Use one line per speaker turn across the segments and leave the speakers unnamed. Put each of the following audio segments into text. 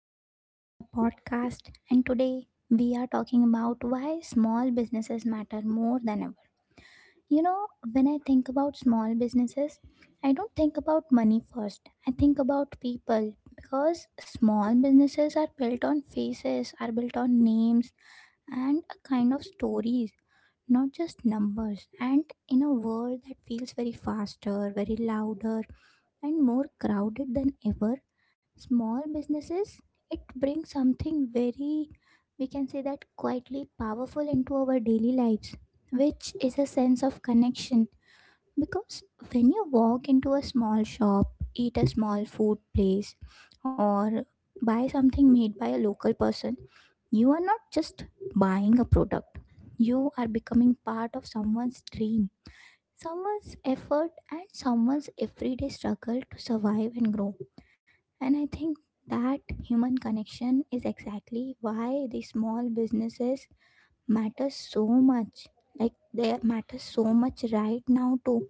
session, another podcast. And today we are talking about why small businesses matter more than ever. You know, when I think about small businesses, I don't think about money first. I think about people because small businesses are built on faces, are built on names and a kind of stories, not just numbers. And in a world that feels very faster, very louder, and more crowded than ever, small businesses, it brings something very, we can say that quietly powerful into our daily lives, which is a sense of connection. Because when you walk into a small shop, eat a small food place, or buy something made by a local person, you are not just buying a product, you are becoming part of someone's dream someone's effort and someone's everyday struggle to survive and grow. And I think that human connection is exactly why the small businesses matter so much. Like they matter so much right now too,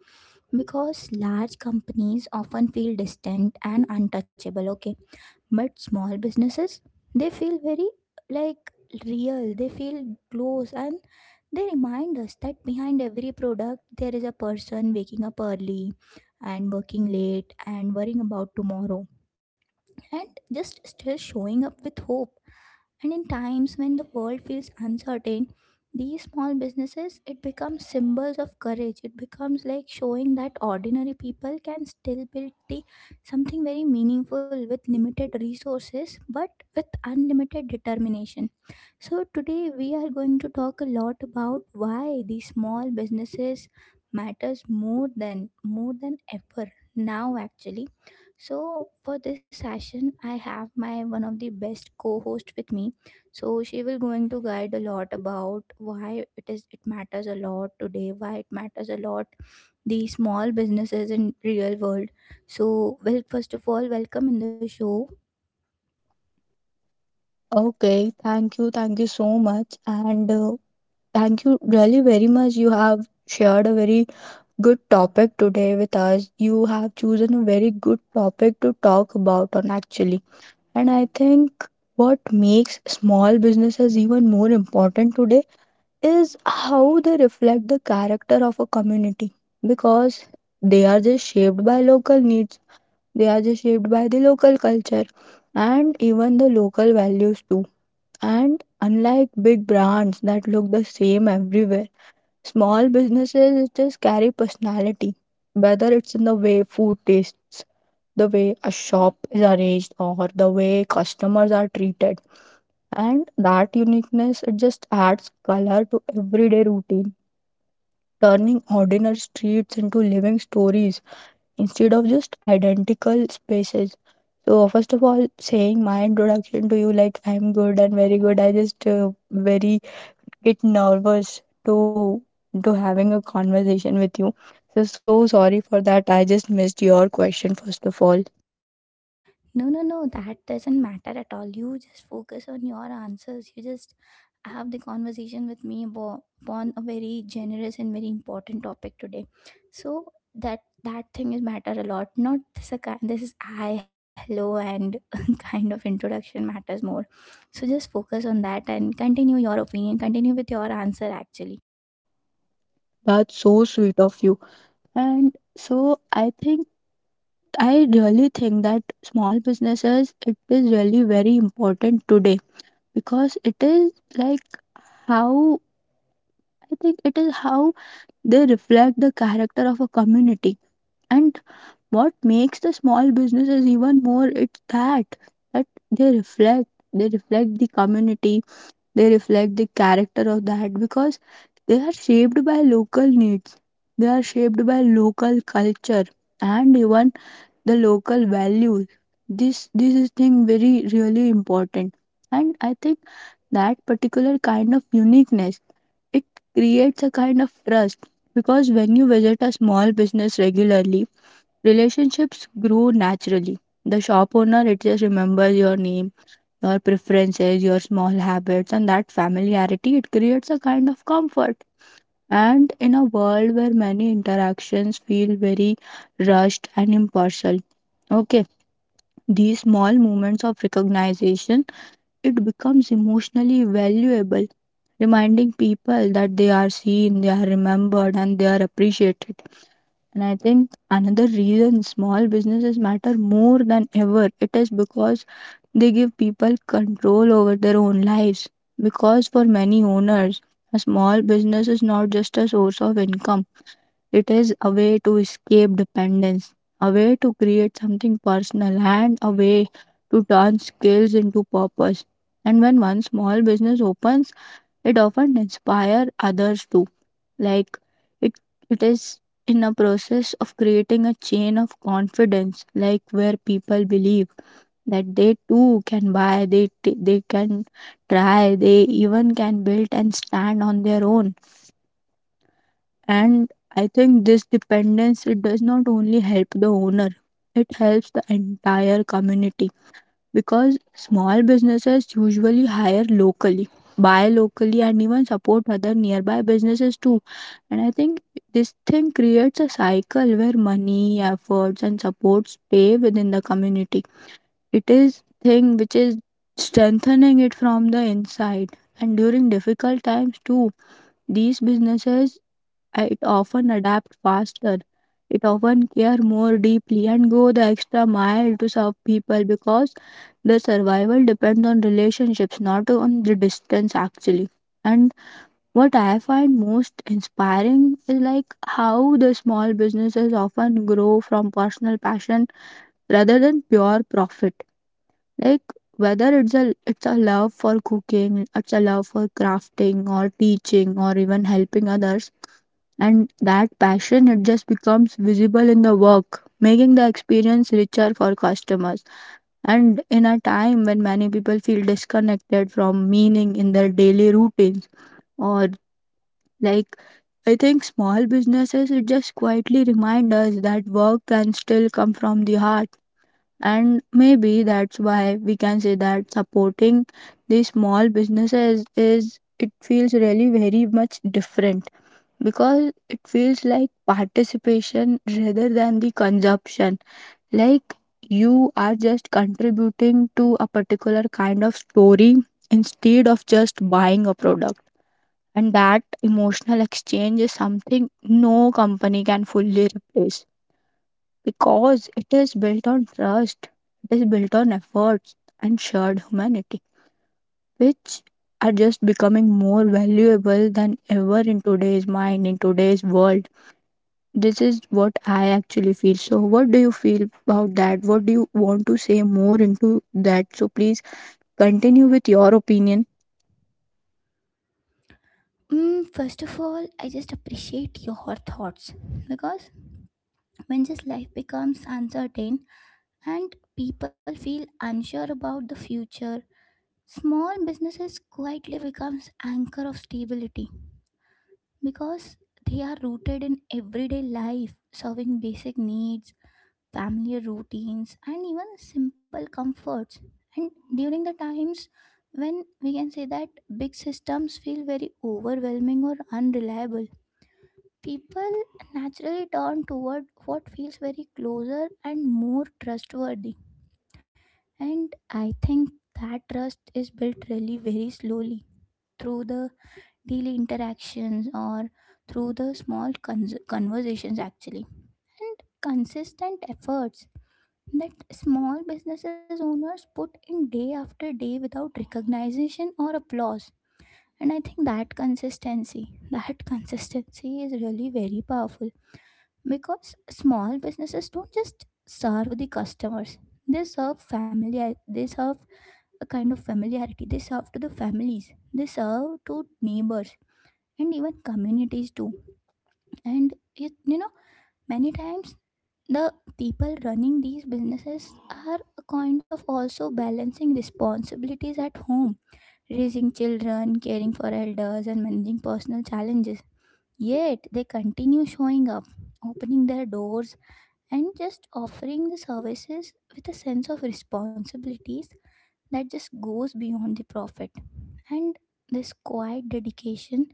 because large companies often feel distant and untouchable. Okay, but small businesses they feel very like real. They feel close and they remind us that behind every product, there is a person waking up early and working late and worrying about tomorrow and just still showing up with hope. And in times when the world feels uncertain, these small businesses it becomes symbols of courage. It becomes like showing that ordinary people can still build the something very meaningful with limited resources but with unlimited determination. So today we are going to talk a lot about why these small businesses matters more than ever now actually, so for this session, I have my one of the best co-host with me. So she will going to guide a lot about why it is it matters a lot today, why it matters a lot the small businesses in real world. So well, first of all, welcome in the show.
Okay, thank you so much, and thank you really very much. You have shared a very good topic today with us. You have chosen a very good topic to talk about on actually. And I think what makes small businesses even more important today is how they reflect the character of a community because they are just shaped by local needs, they are just shaped by the local culture and even the local values too and unlike big brands that look the same everywhere, small businesses just carry personality. Whether it's in the way food tastes, the way a shop is arranged, or the way customers are treated. And that uniqueness it just adds color to everyday routine, turning ordinary streets into living stories instead of just identical spaces. So first of all, saying my introduction to you, like I'm good and very good. I just very get nervous to having a conversation with you. So sorry for that. I just missed your question first of all.
No, no, no, that doesn't matter at all. You just focus on your answers. You just have the conversation with me about upon a very generous and very important topic today. So that that thing is matter a lot. Not this a kind this is I hello and kind of introduction matters more. So just focus on that and continue your opinion. Continue with your answer actually.
That's so sweet of you. And so I think I really think that small businesses it is really very important today because it is like how I think it is how they reflect the character of a community. And what makes the small businesses even more it's that they reflect the community, they reflect the character of that because they are shaped by local needs, they are shaped by local culture and even the local values. This is thing very really important. And I think that particular kind of uniqueness it creates a kind of trust because when you visit a small business regularly relationships grow naturally. The shop owner it just remembers your name, your preferences, your small habits, and that familiarity it creates a kind of comfort. And in a world where many interactions feel very rushed and impersonal, okay, these small moments of recognition it becomes emotionally valuable, reminding people that they are seen, they are remembered, and they are appreciated. And I think another reason small businesses matter more than ever it is because they give people control over their own lives. Because for many owners, a small business is not just a source of income, it is a way to escape dependence, a way to create something personal, and a way to turn skills into purpose. And when one small business opens, it often inspires others too. Like it, it is in a process of creating a chain of confidence, like where people believe that they too can buy, they can try, they even can build and stand on their own. And I think this dependence it does not only help the owner, it helps the entire community because small businesses usually hire locally, buy locally, and even support other nearby businesses too. And I think this thing creates a cycle where money, efforts, and support stay within the community. It is thing which is strengthening it from the inside. And during difficult times too these businesses it often adapts faster. It often care more deeply and go the extra mile to serve people because the survival depends on relationships, not on the distance actually. And what I find most inspiring is like how the small businesses often grow from personal passion rather than pure profit. Like whether it's a love for cooking, it's a love for crafting or teaching or even helping others, and that passion it just becomes visible in the work, making the experience richer for customers. And in a time when many people feel disconnected from meaning in their daily routines or like, I think small businesses it just quietly remind us that work can still come from the heart. And maybe that's why we can say that supporting these small businesses is it feels really very much different because it feels like participation rather than the consumption, like you are just contributing to a particular kind of story instead of just buying a product. And that emotional exchange is something no company can fully replace because it is built on trust, it is built on efforts and shared humanity, which are just becoming more valuable than ever in today's mind, in today's world. This is what I actually feel. So, what do you feel about that? What do you want to say more into that? So, please continue with your opinion.
Mm, first of all, I just appreciate your thoughts because when just life becomes uncertain and people feel unsure about the future small businesses quietly becomes anchor of stability because they are rooted in everyday life serving basic needs family routines and even simple comforts and during the times when we can say that big systems feel very overwhelming or unreliable people naturally turn toward what feels very closer and more trustworthy and I think that trust is built really very slowly through the daily interactions or through the small conversations actually and consistent efforts that small businesses owners put in day after day without recognition or applause. And I think that consistency that consistency is really very powerful because small businesses don't just serve the customers, they serve family, they serve a kind of familiarity. They serve to the families, they serve to neighbors and even communities too. And it, you know, many times the people running these businesses are a kind of also balancing responsibilities at home, raising children, caring for elders, and managing personal challenges. Yet they continue showing up, opening their doors, and just offering the services with a sense of responsibilities that just goes beyond the profit. And this quiet dedication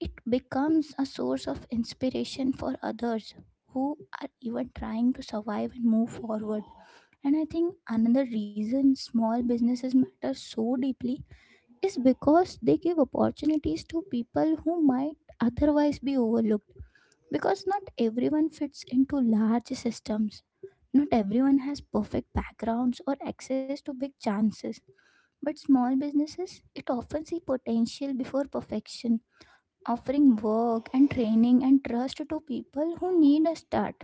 it becomes a source of inspiration for others who are even trying to survive and move forward. And I think another reason small businesses matter so deeply is because they give opportunities to people who might otherwise be overlooked because not everyone fits into large systems, not everyone has perfect backgrounds or access to big chances, but small businesses, it often see potential before perfection, offering work and training and trust to people who need a start.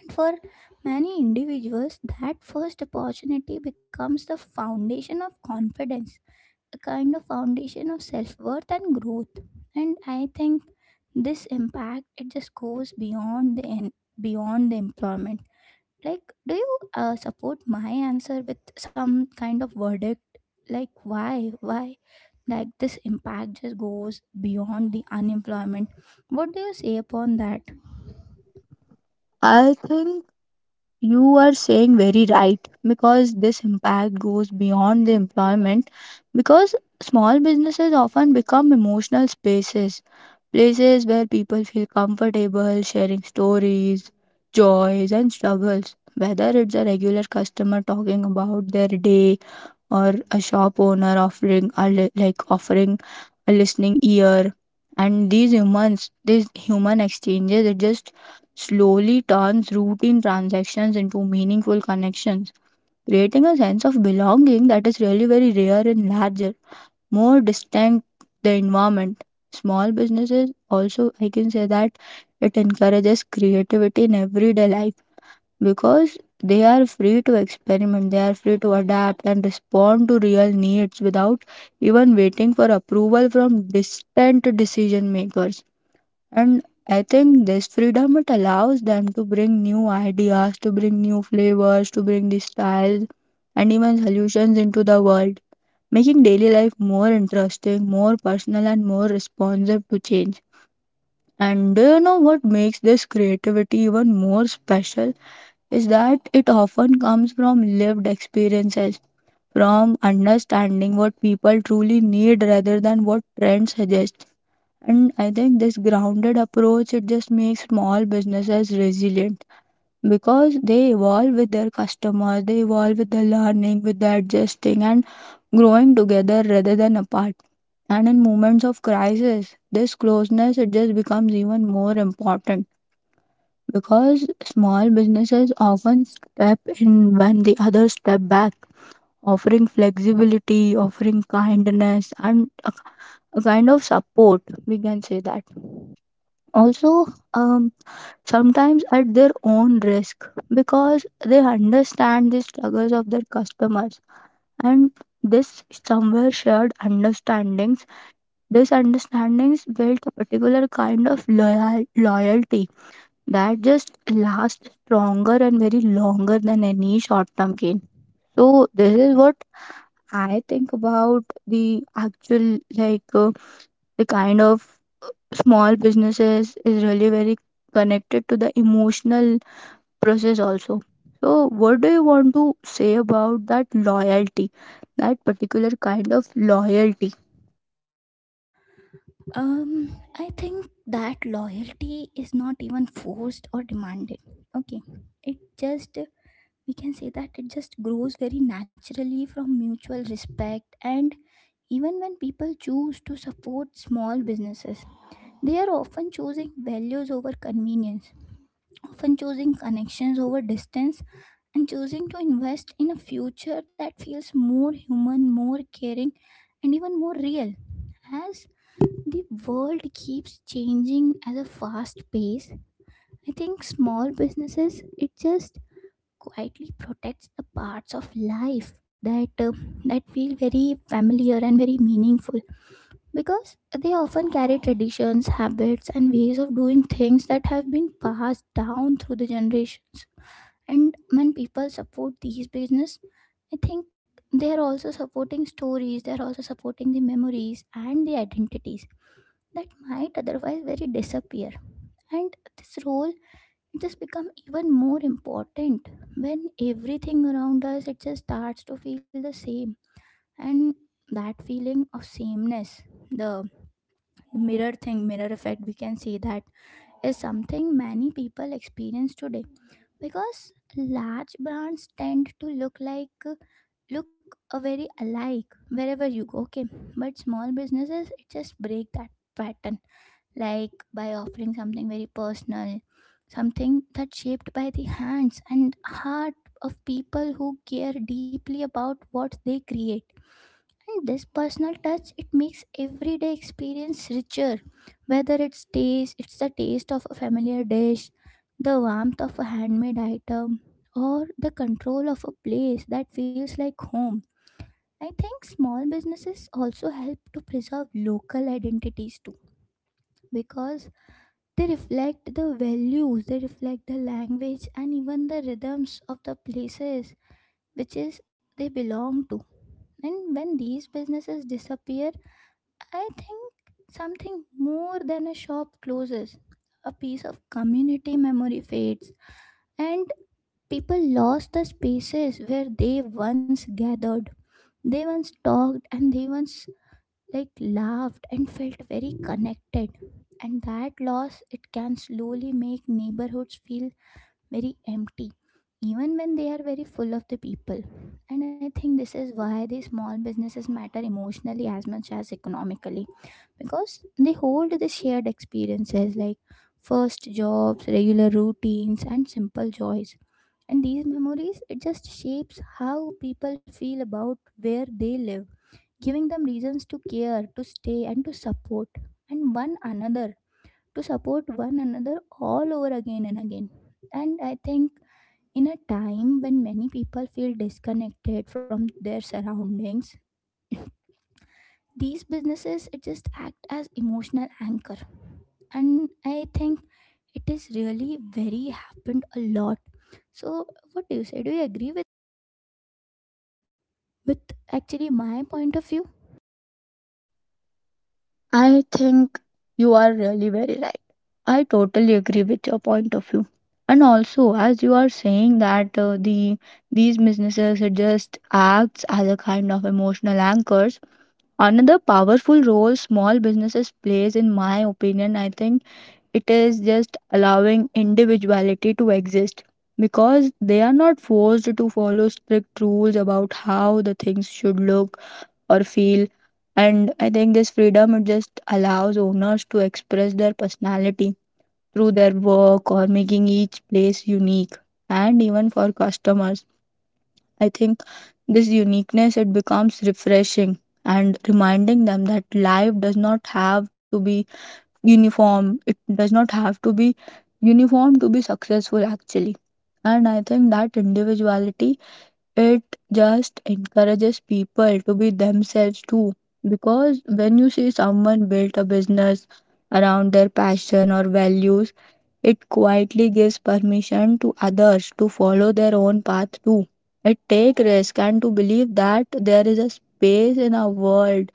And for many individuals, that first opportunity becomes the foundation of confidence, a kind of foundation of self-worth and growth. And I think this impact it just goes beyond beyond the employment. Like, do you support my answer with some kind of verdict? Like why like this impact just goes beyond the unemployment? What do you say upon that?
I think you are saying very right because this impact goes beyond the employment because small businesses often become emotional spaces, places where people feel comfortable sharing stories, joys, and struggles. Whether it's a regular customer talking about their day or a shop owner offering a offering a listening ear. And these humans, these human exchanges it just slowly turns routine transactions into meaningful connections, creating a sense of belonging that is really very rare in larger, more distinct the environment. Small businesses also I can say that it encourages creativity in everyday life because they are free to experiment, they are free to adapt and respond to real needs without even waiting for approval from distant decision makers. And I think this freedom it allows them to bring new ideas, to bring new flavors, to bring the styles and even solutions into the world, making daily life more interesting, more personal, and more responsive to change. And do you know what makes this creativity even more special? Is that it often comes from lived experiences, from understanding what people truly need rather than what trends suggest. And I think this grounded approach it just makes small businesses resilient because they evolve with their customers, they evolve with the learning, with the adjusting and growing together rather than apart. And in moments of crisis, this closeness it just becomes even more important because small businesses often step in when the others step back, offering flexibility, offering kindness, and a kind of support. We can say that. Also, um, sometimes at their own risk because they understand the struggles of their customers. And this somewhere shared understandings. These understandings built a particular kind of loyalty that just lasts stronger and very longer than any short term gain. So this is what I think about the actual like the kind of uh, small businesses is really very connected to the emotional process also. So what do you want to say about that loyalty, that particular kind of loyalty?
um I think that loyalty is not even forced or demanded. Okay, it just, we can say that it just grows very naturally from mutual respect, and even when people choose to support small businesses they are often choosing values over convenience, often choosing connections over distance, and choosing to invest in a future that feels more human, more caring, and even more real. As the world keeps changing at a fast pace, I think small businesses it just quietly protects the parts of life that that feel very familiar and very meaningful because they often carry traditions, habits, and ways of doing things that have been passed down through the generations. And when people support these business, I think they are also supporting stories, they are also supporting the memories and the identities that might otherwise very disappear. And this role it just become even more important when everything around us it just starts to feel the same. And that feeling of sameness, the the mirror effect we can say that is something many people experience today because large brands tend to look a very alike wherever you go, okay, but small businesses it just break that pattern, like by offering something very personal, something that's shaped by the hands and heart of people who care deeply about what they create. And this personal touch it makes everyday experience richer. Whether it's taste, it's the taste of a familiar dish, the warmth of a handmade item, or the control of a place that feels like home. I think small businesses also help to preserve local identities too because they reflect the values, they reflect the language and even the rhythms of the places which is they belong to. And when these businesses disappear, I think something more than a shop closes. A piece of community memory fades, and people lost the spaces where they once gathered. They once talked and they once like laughed and felt very connected. And that loss it can slowly make neighborhoods feel very empty even when they are very full of the people. And I think this is why these small businesses matter emotionally as much as economically because they hold the shared experiences like first jobs, regular routines and simple joys. And these memories it just shapes how people feel about where they live, giving them reasons to care, to stay and to support and one another, to support one another all over again and again. And I think in a time when many people feel disconnected from their surroundings, these businesses it just act as emotional anchor. And I think it is really very happened a lot. So what do you say? Do you agree with actually my point of view?
I think you are really very right. I totally agree with your point of view. And also, as you are saying that the these businesses it just acts as a kind of emotional anchors. Another powerful role small businesses plays, in my opinion, I think it is just allowing individuality to exist because they are not forced to follow strict rules about how the things should look or feel. And I think this freedom it just allows owners to express their personality through their work or making each place unique. And even for customers, I think this uniqueness it becomes refreshing and reminding them that life does not have to be uniform. It does not have to be uniform to be successful actually. And I think that individuality it just encourages people to be themselves too. Because when you see someone build a business around their passion or values, it quietly gives permission to others to follow their own path too. It take risk and to believe that there is a space in our world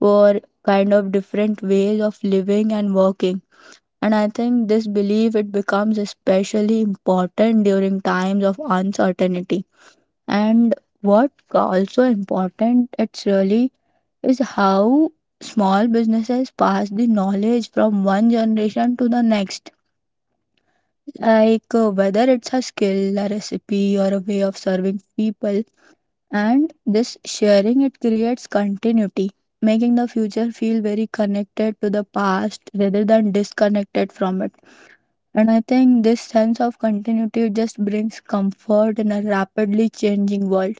for kind of different ways of living and working. And I think this belief it becomes especially important during times of uncertainty. And what also important it's really is how small businesses pass the knowledge from one generation to the next, like whether it's a skill, a recipe, or a way of serving people. And this sharing it creates continuity, making the future feel very connected to the past rather than disconnected from it. And I think this sense of continuity just brings comfort in a rapidly changing world.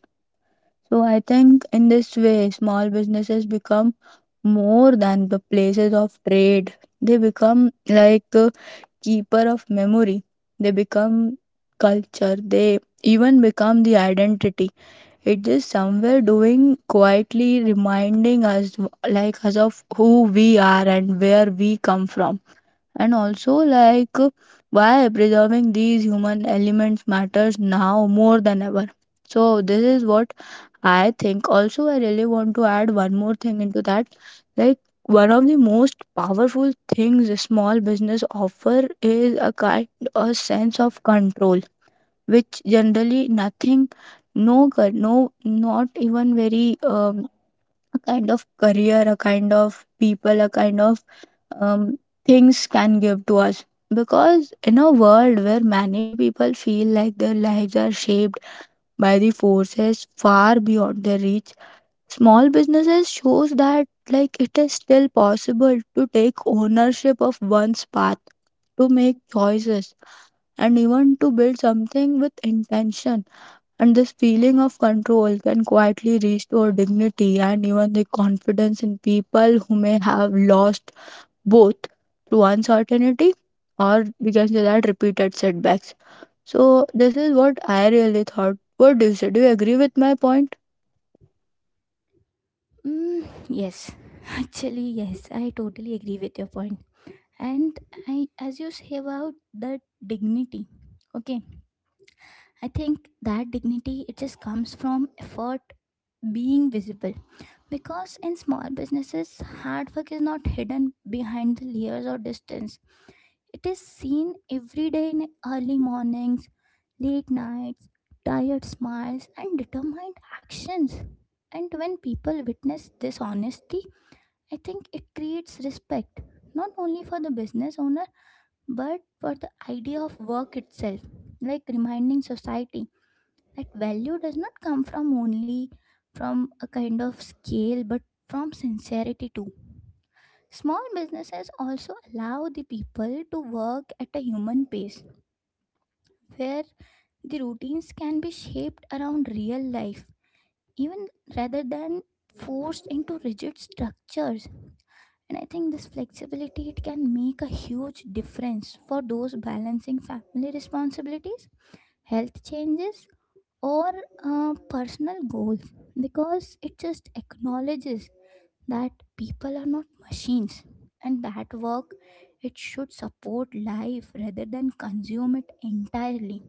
So I think in this way, small businesses become more than the places of trade. They become like a keeper of memory. They become culture. They even become the identity. It is somewhere doing quietly reminding us like us of who we are and where we come from, and also like why preserving these human elements matters now more than ever. So this is what I think. Also, I really want to add one more thing into that, like one of the most powerful things a small business offer is a kind, a sense of control, which generally nothing, no not even very a kind of career, a kind of people, a kind of um, things can give to us. Because in a world where many people feel like their lives are shaped by the forces far beyond their reach, small businesses shows that like it is still possible to take ownership of one's path, to make choices, and even to build something with intention. And this feeling of control can quietly restore dignity and even the confidence in people who may have lost both through uncertainty or we can say that repeated setbacks. So this is what I really thought. What do you say? Do you agree with my point?
Mm, yes. Actually, yes, I totally agree with your point. And I as you say about the dignity. Okay, I think that dignity it just comes from effort being visible because in small businesses hard work is not hidden behind the layers or distance, it is seen every day in early mornings, late nights, tired smiles and determined actions. And when people witness this honesty, I think it creates respect not only for the business owner but for the idea of work itself, like reminding society that value does not come from only from a kind of scale but from sincerity too. Small businesses also allow the people to work at a human pace where the routines can be shaped around real life even rather than forced into rigid structures. And I think this flexibility it can make a huge difference for those balancing family responsibilities, health changes, or personal goals because it just acknowledges that people are not machines and that work it should support life rather than consume it entirely.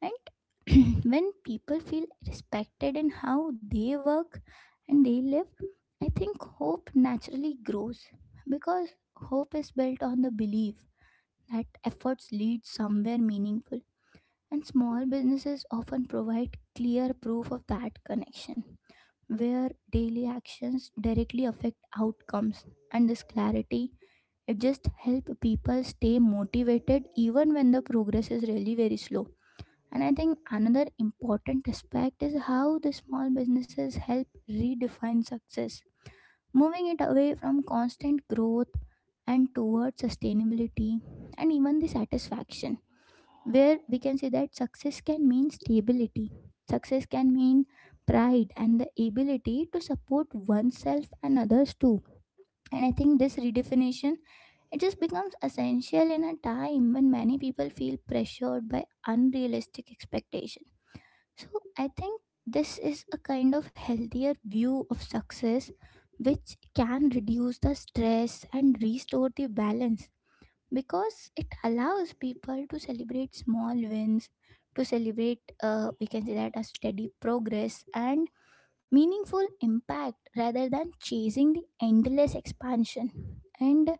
And when people feel respected in how they work and they live, I think hope naturally grows because hope is built on the belief that efforts lead somewhere meaningful, and small businesses often provide clear proof of that connection, where daily actions directly affect outcomes. And this clarity, it just helps people stay motivated even when the progress is really very slow. And I think another important aspect is how the small businesses help redefine success, moving it away from constant growth and towards sustainability and even the satisfaction, where we can say that success can mean stability, success can mean pride and the ability to support oneself and others too. And I think this redefinition, it just becomes essential in a time when many people feel pressured by unrealistic expectation. So I think this is a kind of healthier view of success, which can reduce the stress and restore the balance, because it allows people to celebrate small wins, to celebrate, we can say that, a steady progress and meaningful impact rather than chasing the endless expansion. And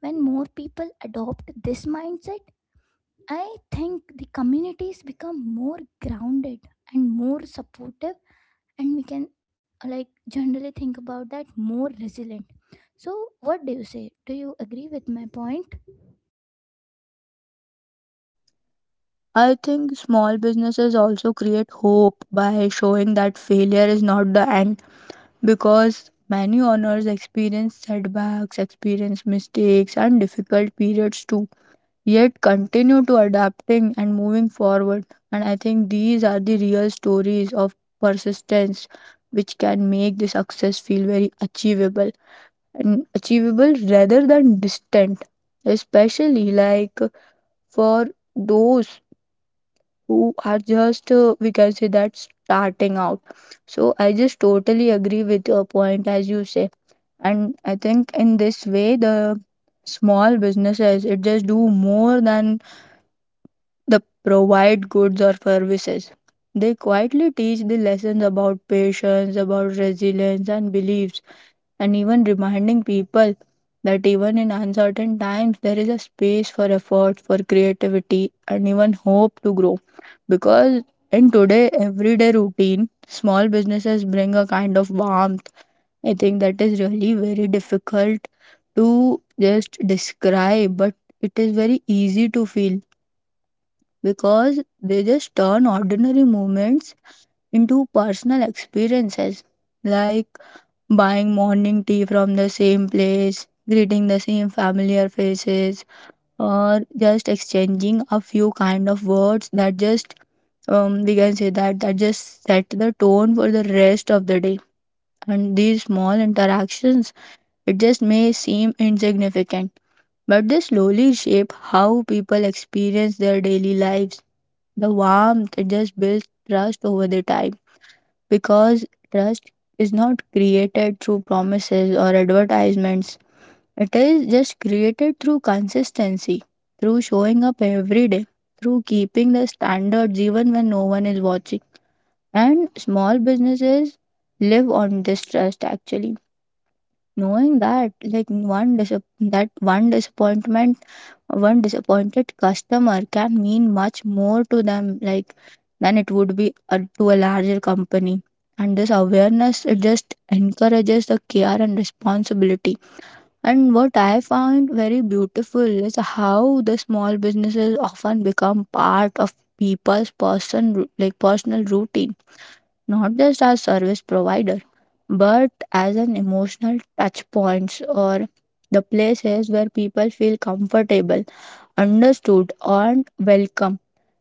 when more people adopt this mindset, I think the communities become more grounded and more supportive, and we can, like, generally think about that, more resilient. So what do you say, do you agree with my point?
I think small businesses also create hope by showing that failure is not the end, because many owners experience setbacks, experience mistakes and difficult periods too, yet continue to adapting and moving forward. And I think these are the real stories of persistence, which can make the success feel very achievable and achievable rather than distant, especially like for those who are just we can say that starting out. So I just totally agree with your point as you say. And I think in this way the small businesses it just do more than the provide goods or services. They quietly teach the lessons about patience, about resilience, and beliefs, and even reminding people that even in uncertain times, there is a space for effort, for creativity, and even hope to grow. Because in today everyday routine, small businesses bring a kind of warmth. I think that is really very difficult to just describe, but it is very easy to feel, because they just turn ordinary moments into personal experiences, like buying morning tea from the same place, greeting the same familiar faces, or just exchanging a few kind of words that just we can say that that just set the tone for the rest of the day. And these small interactions, it just may seem insignificant, but they slowly shape how people experience their daily lives. The warmth just builds trust over the time, because trust is not created through promises or advertisements. It is just created through consistency, through showing up every day, through keeping the standards even when no one is watching. And small businesses live on this trust actually. Knowing that, like that one disappointment, one disappointed customer can mean much more to them, like, than it would be to a larger company. And this awareness it just encourages the care and responsibility. And what I found very beautiful is how the small businesses often become part of people's personal routine, not just as service provider, but as an emotional touch points, or the places where people feel comfortable, understood and welcome.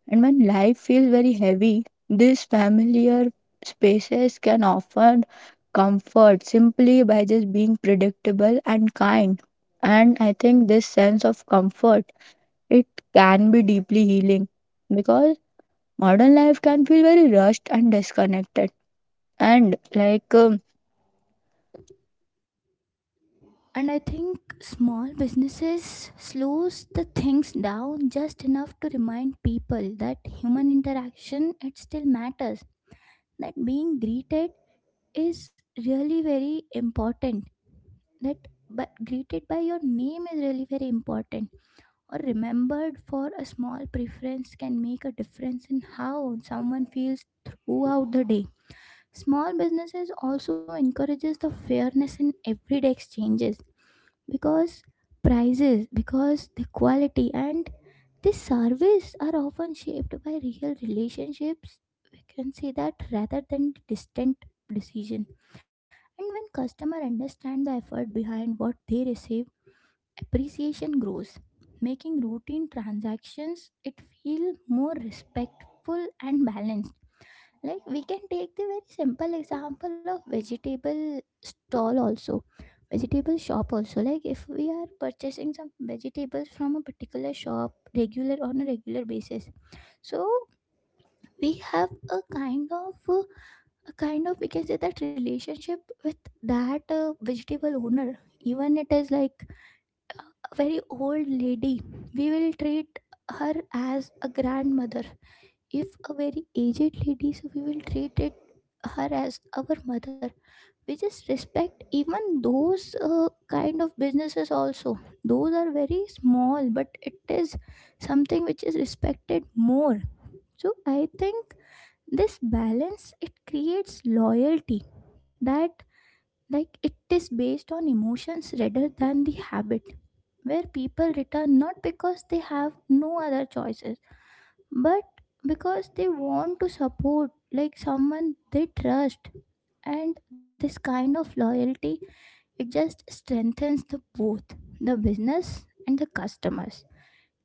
And when life feels very heavy, these familiar spaces can offer comfort simply by just being predictable and kind. And I think this sense of comfort, it can be deeply healing, because modern life can feel very rushed and disconnected, and
And I think small businesses slows the things down just enough to remind people that human interaction it still matters, that being greeted is really very important, that but greeted by your name is really very important, or remembered for a small preference can make a difference in how someone feels throughout the day. Small businesses also encourages the fairness in everyday exchanges, because prices, because the quality and the service are often shaped by real relationships, we can say that rather than distant decision. And when customer understand the effort behind what they receive, appreciation grows, making routine transactions it feel more respectful and balanced. Like, we can take the very simple example of vegetable stall also, vegetable shop also, like if we are purchasing some vegetables from a particular shop regular on a regular basis, so we have a kind of we can say that relationship with that vegetable owner. Even it is like a very old lady, we will treat her as a grandmother. If a very aged lady, so we will treat it her as our mother. We just respect even those kind of businesses also. Those are very small, but it is something which is respected more. So I think this balance it creates loyalty, that, like, it is based on emotions rather than the habit, where people return not because they have no other choices, but because they want to support, like, someone they trust. And this kind of loyalty, it just strengthens the both, the business and the customers,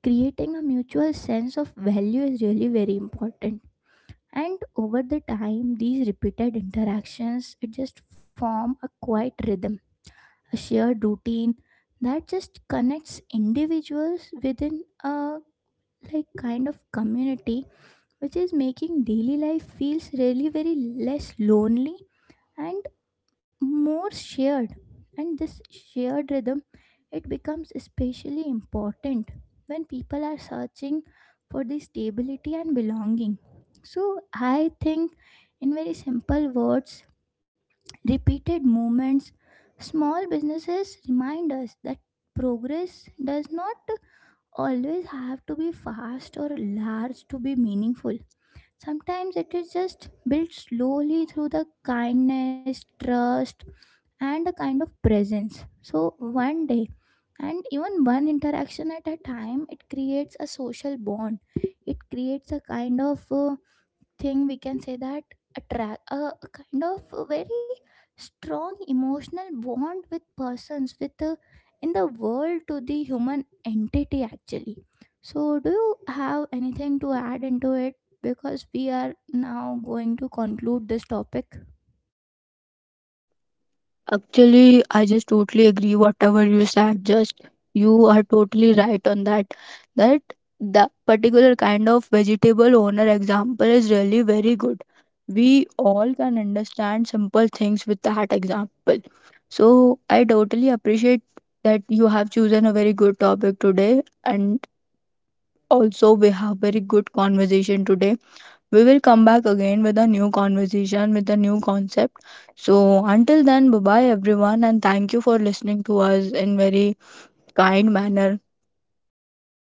creating a mutual sense of value is really very important. And over the time these repeated interactions it just form a quiet rhythm, a shared routine that just connects individuals within a, like, kind of community, which is making daily life feels really very less lonely and more shared. And this shared rhythm, it becomes especially important when people are searching for the stability and belonging. So I think, in very simple words, repeated movements, small businesses remind us that progress does not always have to be fast or large to be meaningful. Sometimes it is just built slowly through the kindness, trust, and a kind of presence. So, one day and even one interaction at a time, it creates a social bond. It creates a kind of, thing, we can say that, attract a kind of a very strong emotional bond with persons, with the, in the world, to the human entity actually. So do you have anything to add into it? Because we are now going to conclude this topic.
actually, I just totally agree whatever you said. Just you are totally right on that. That the particular kind of vegetable owner example is really very good. We all can understand simple things with that example. So I totally appreciate that you have chosen a very good topic today, and also we have very good conversation today. We will come back again with a new conversation, with a new concept. So, until then, bye bye everyone, and thank you for listening to us in very kind manner.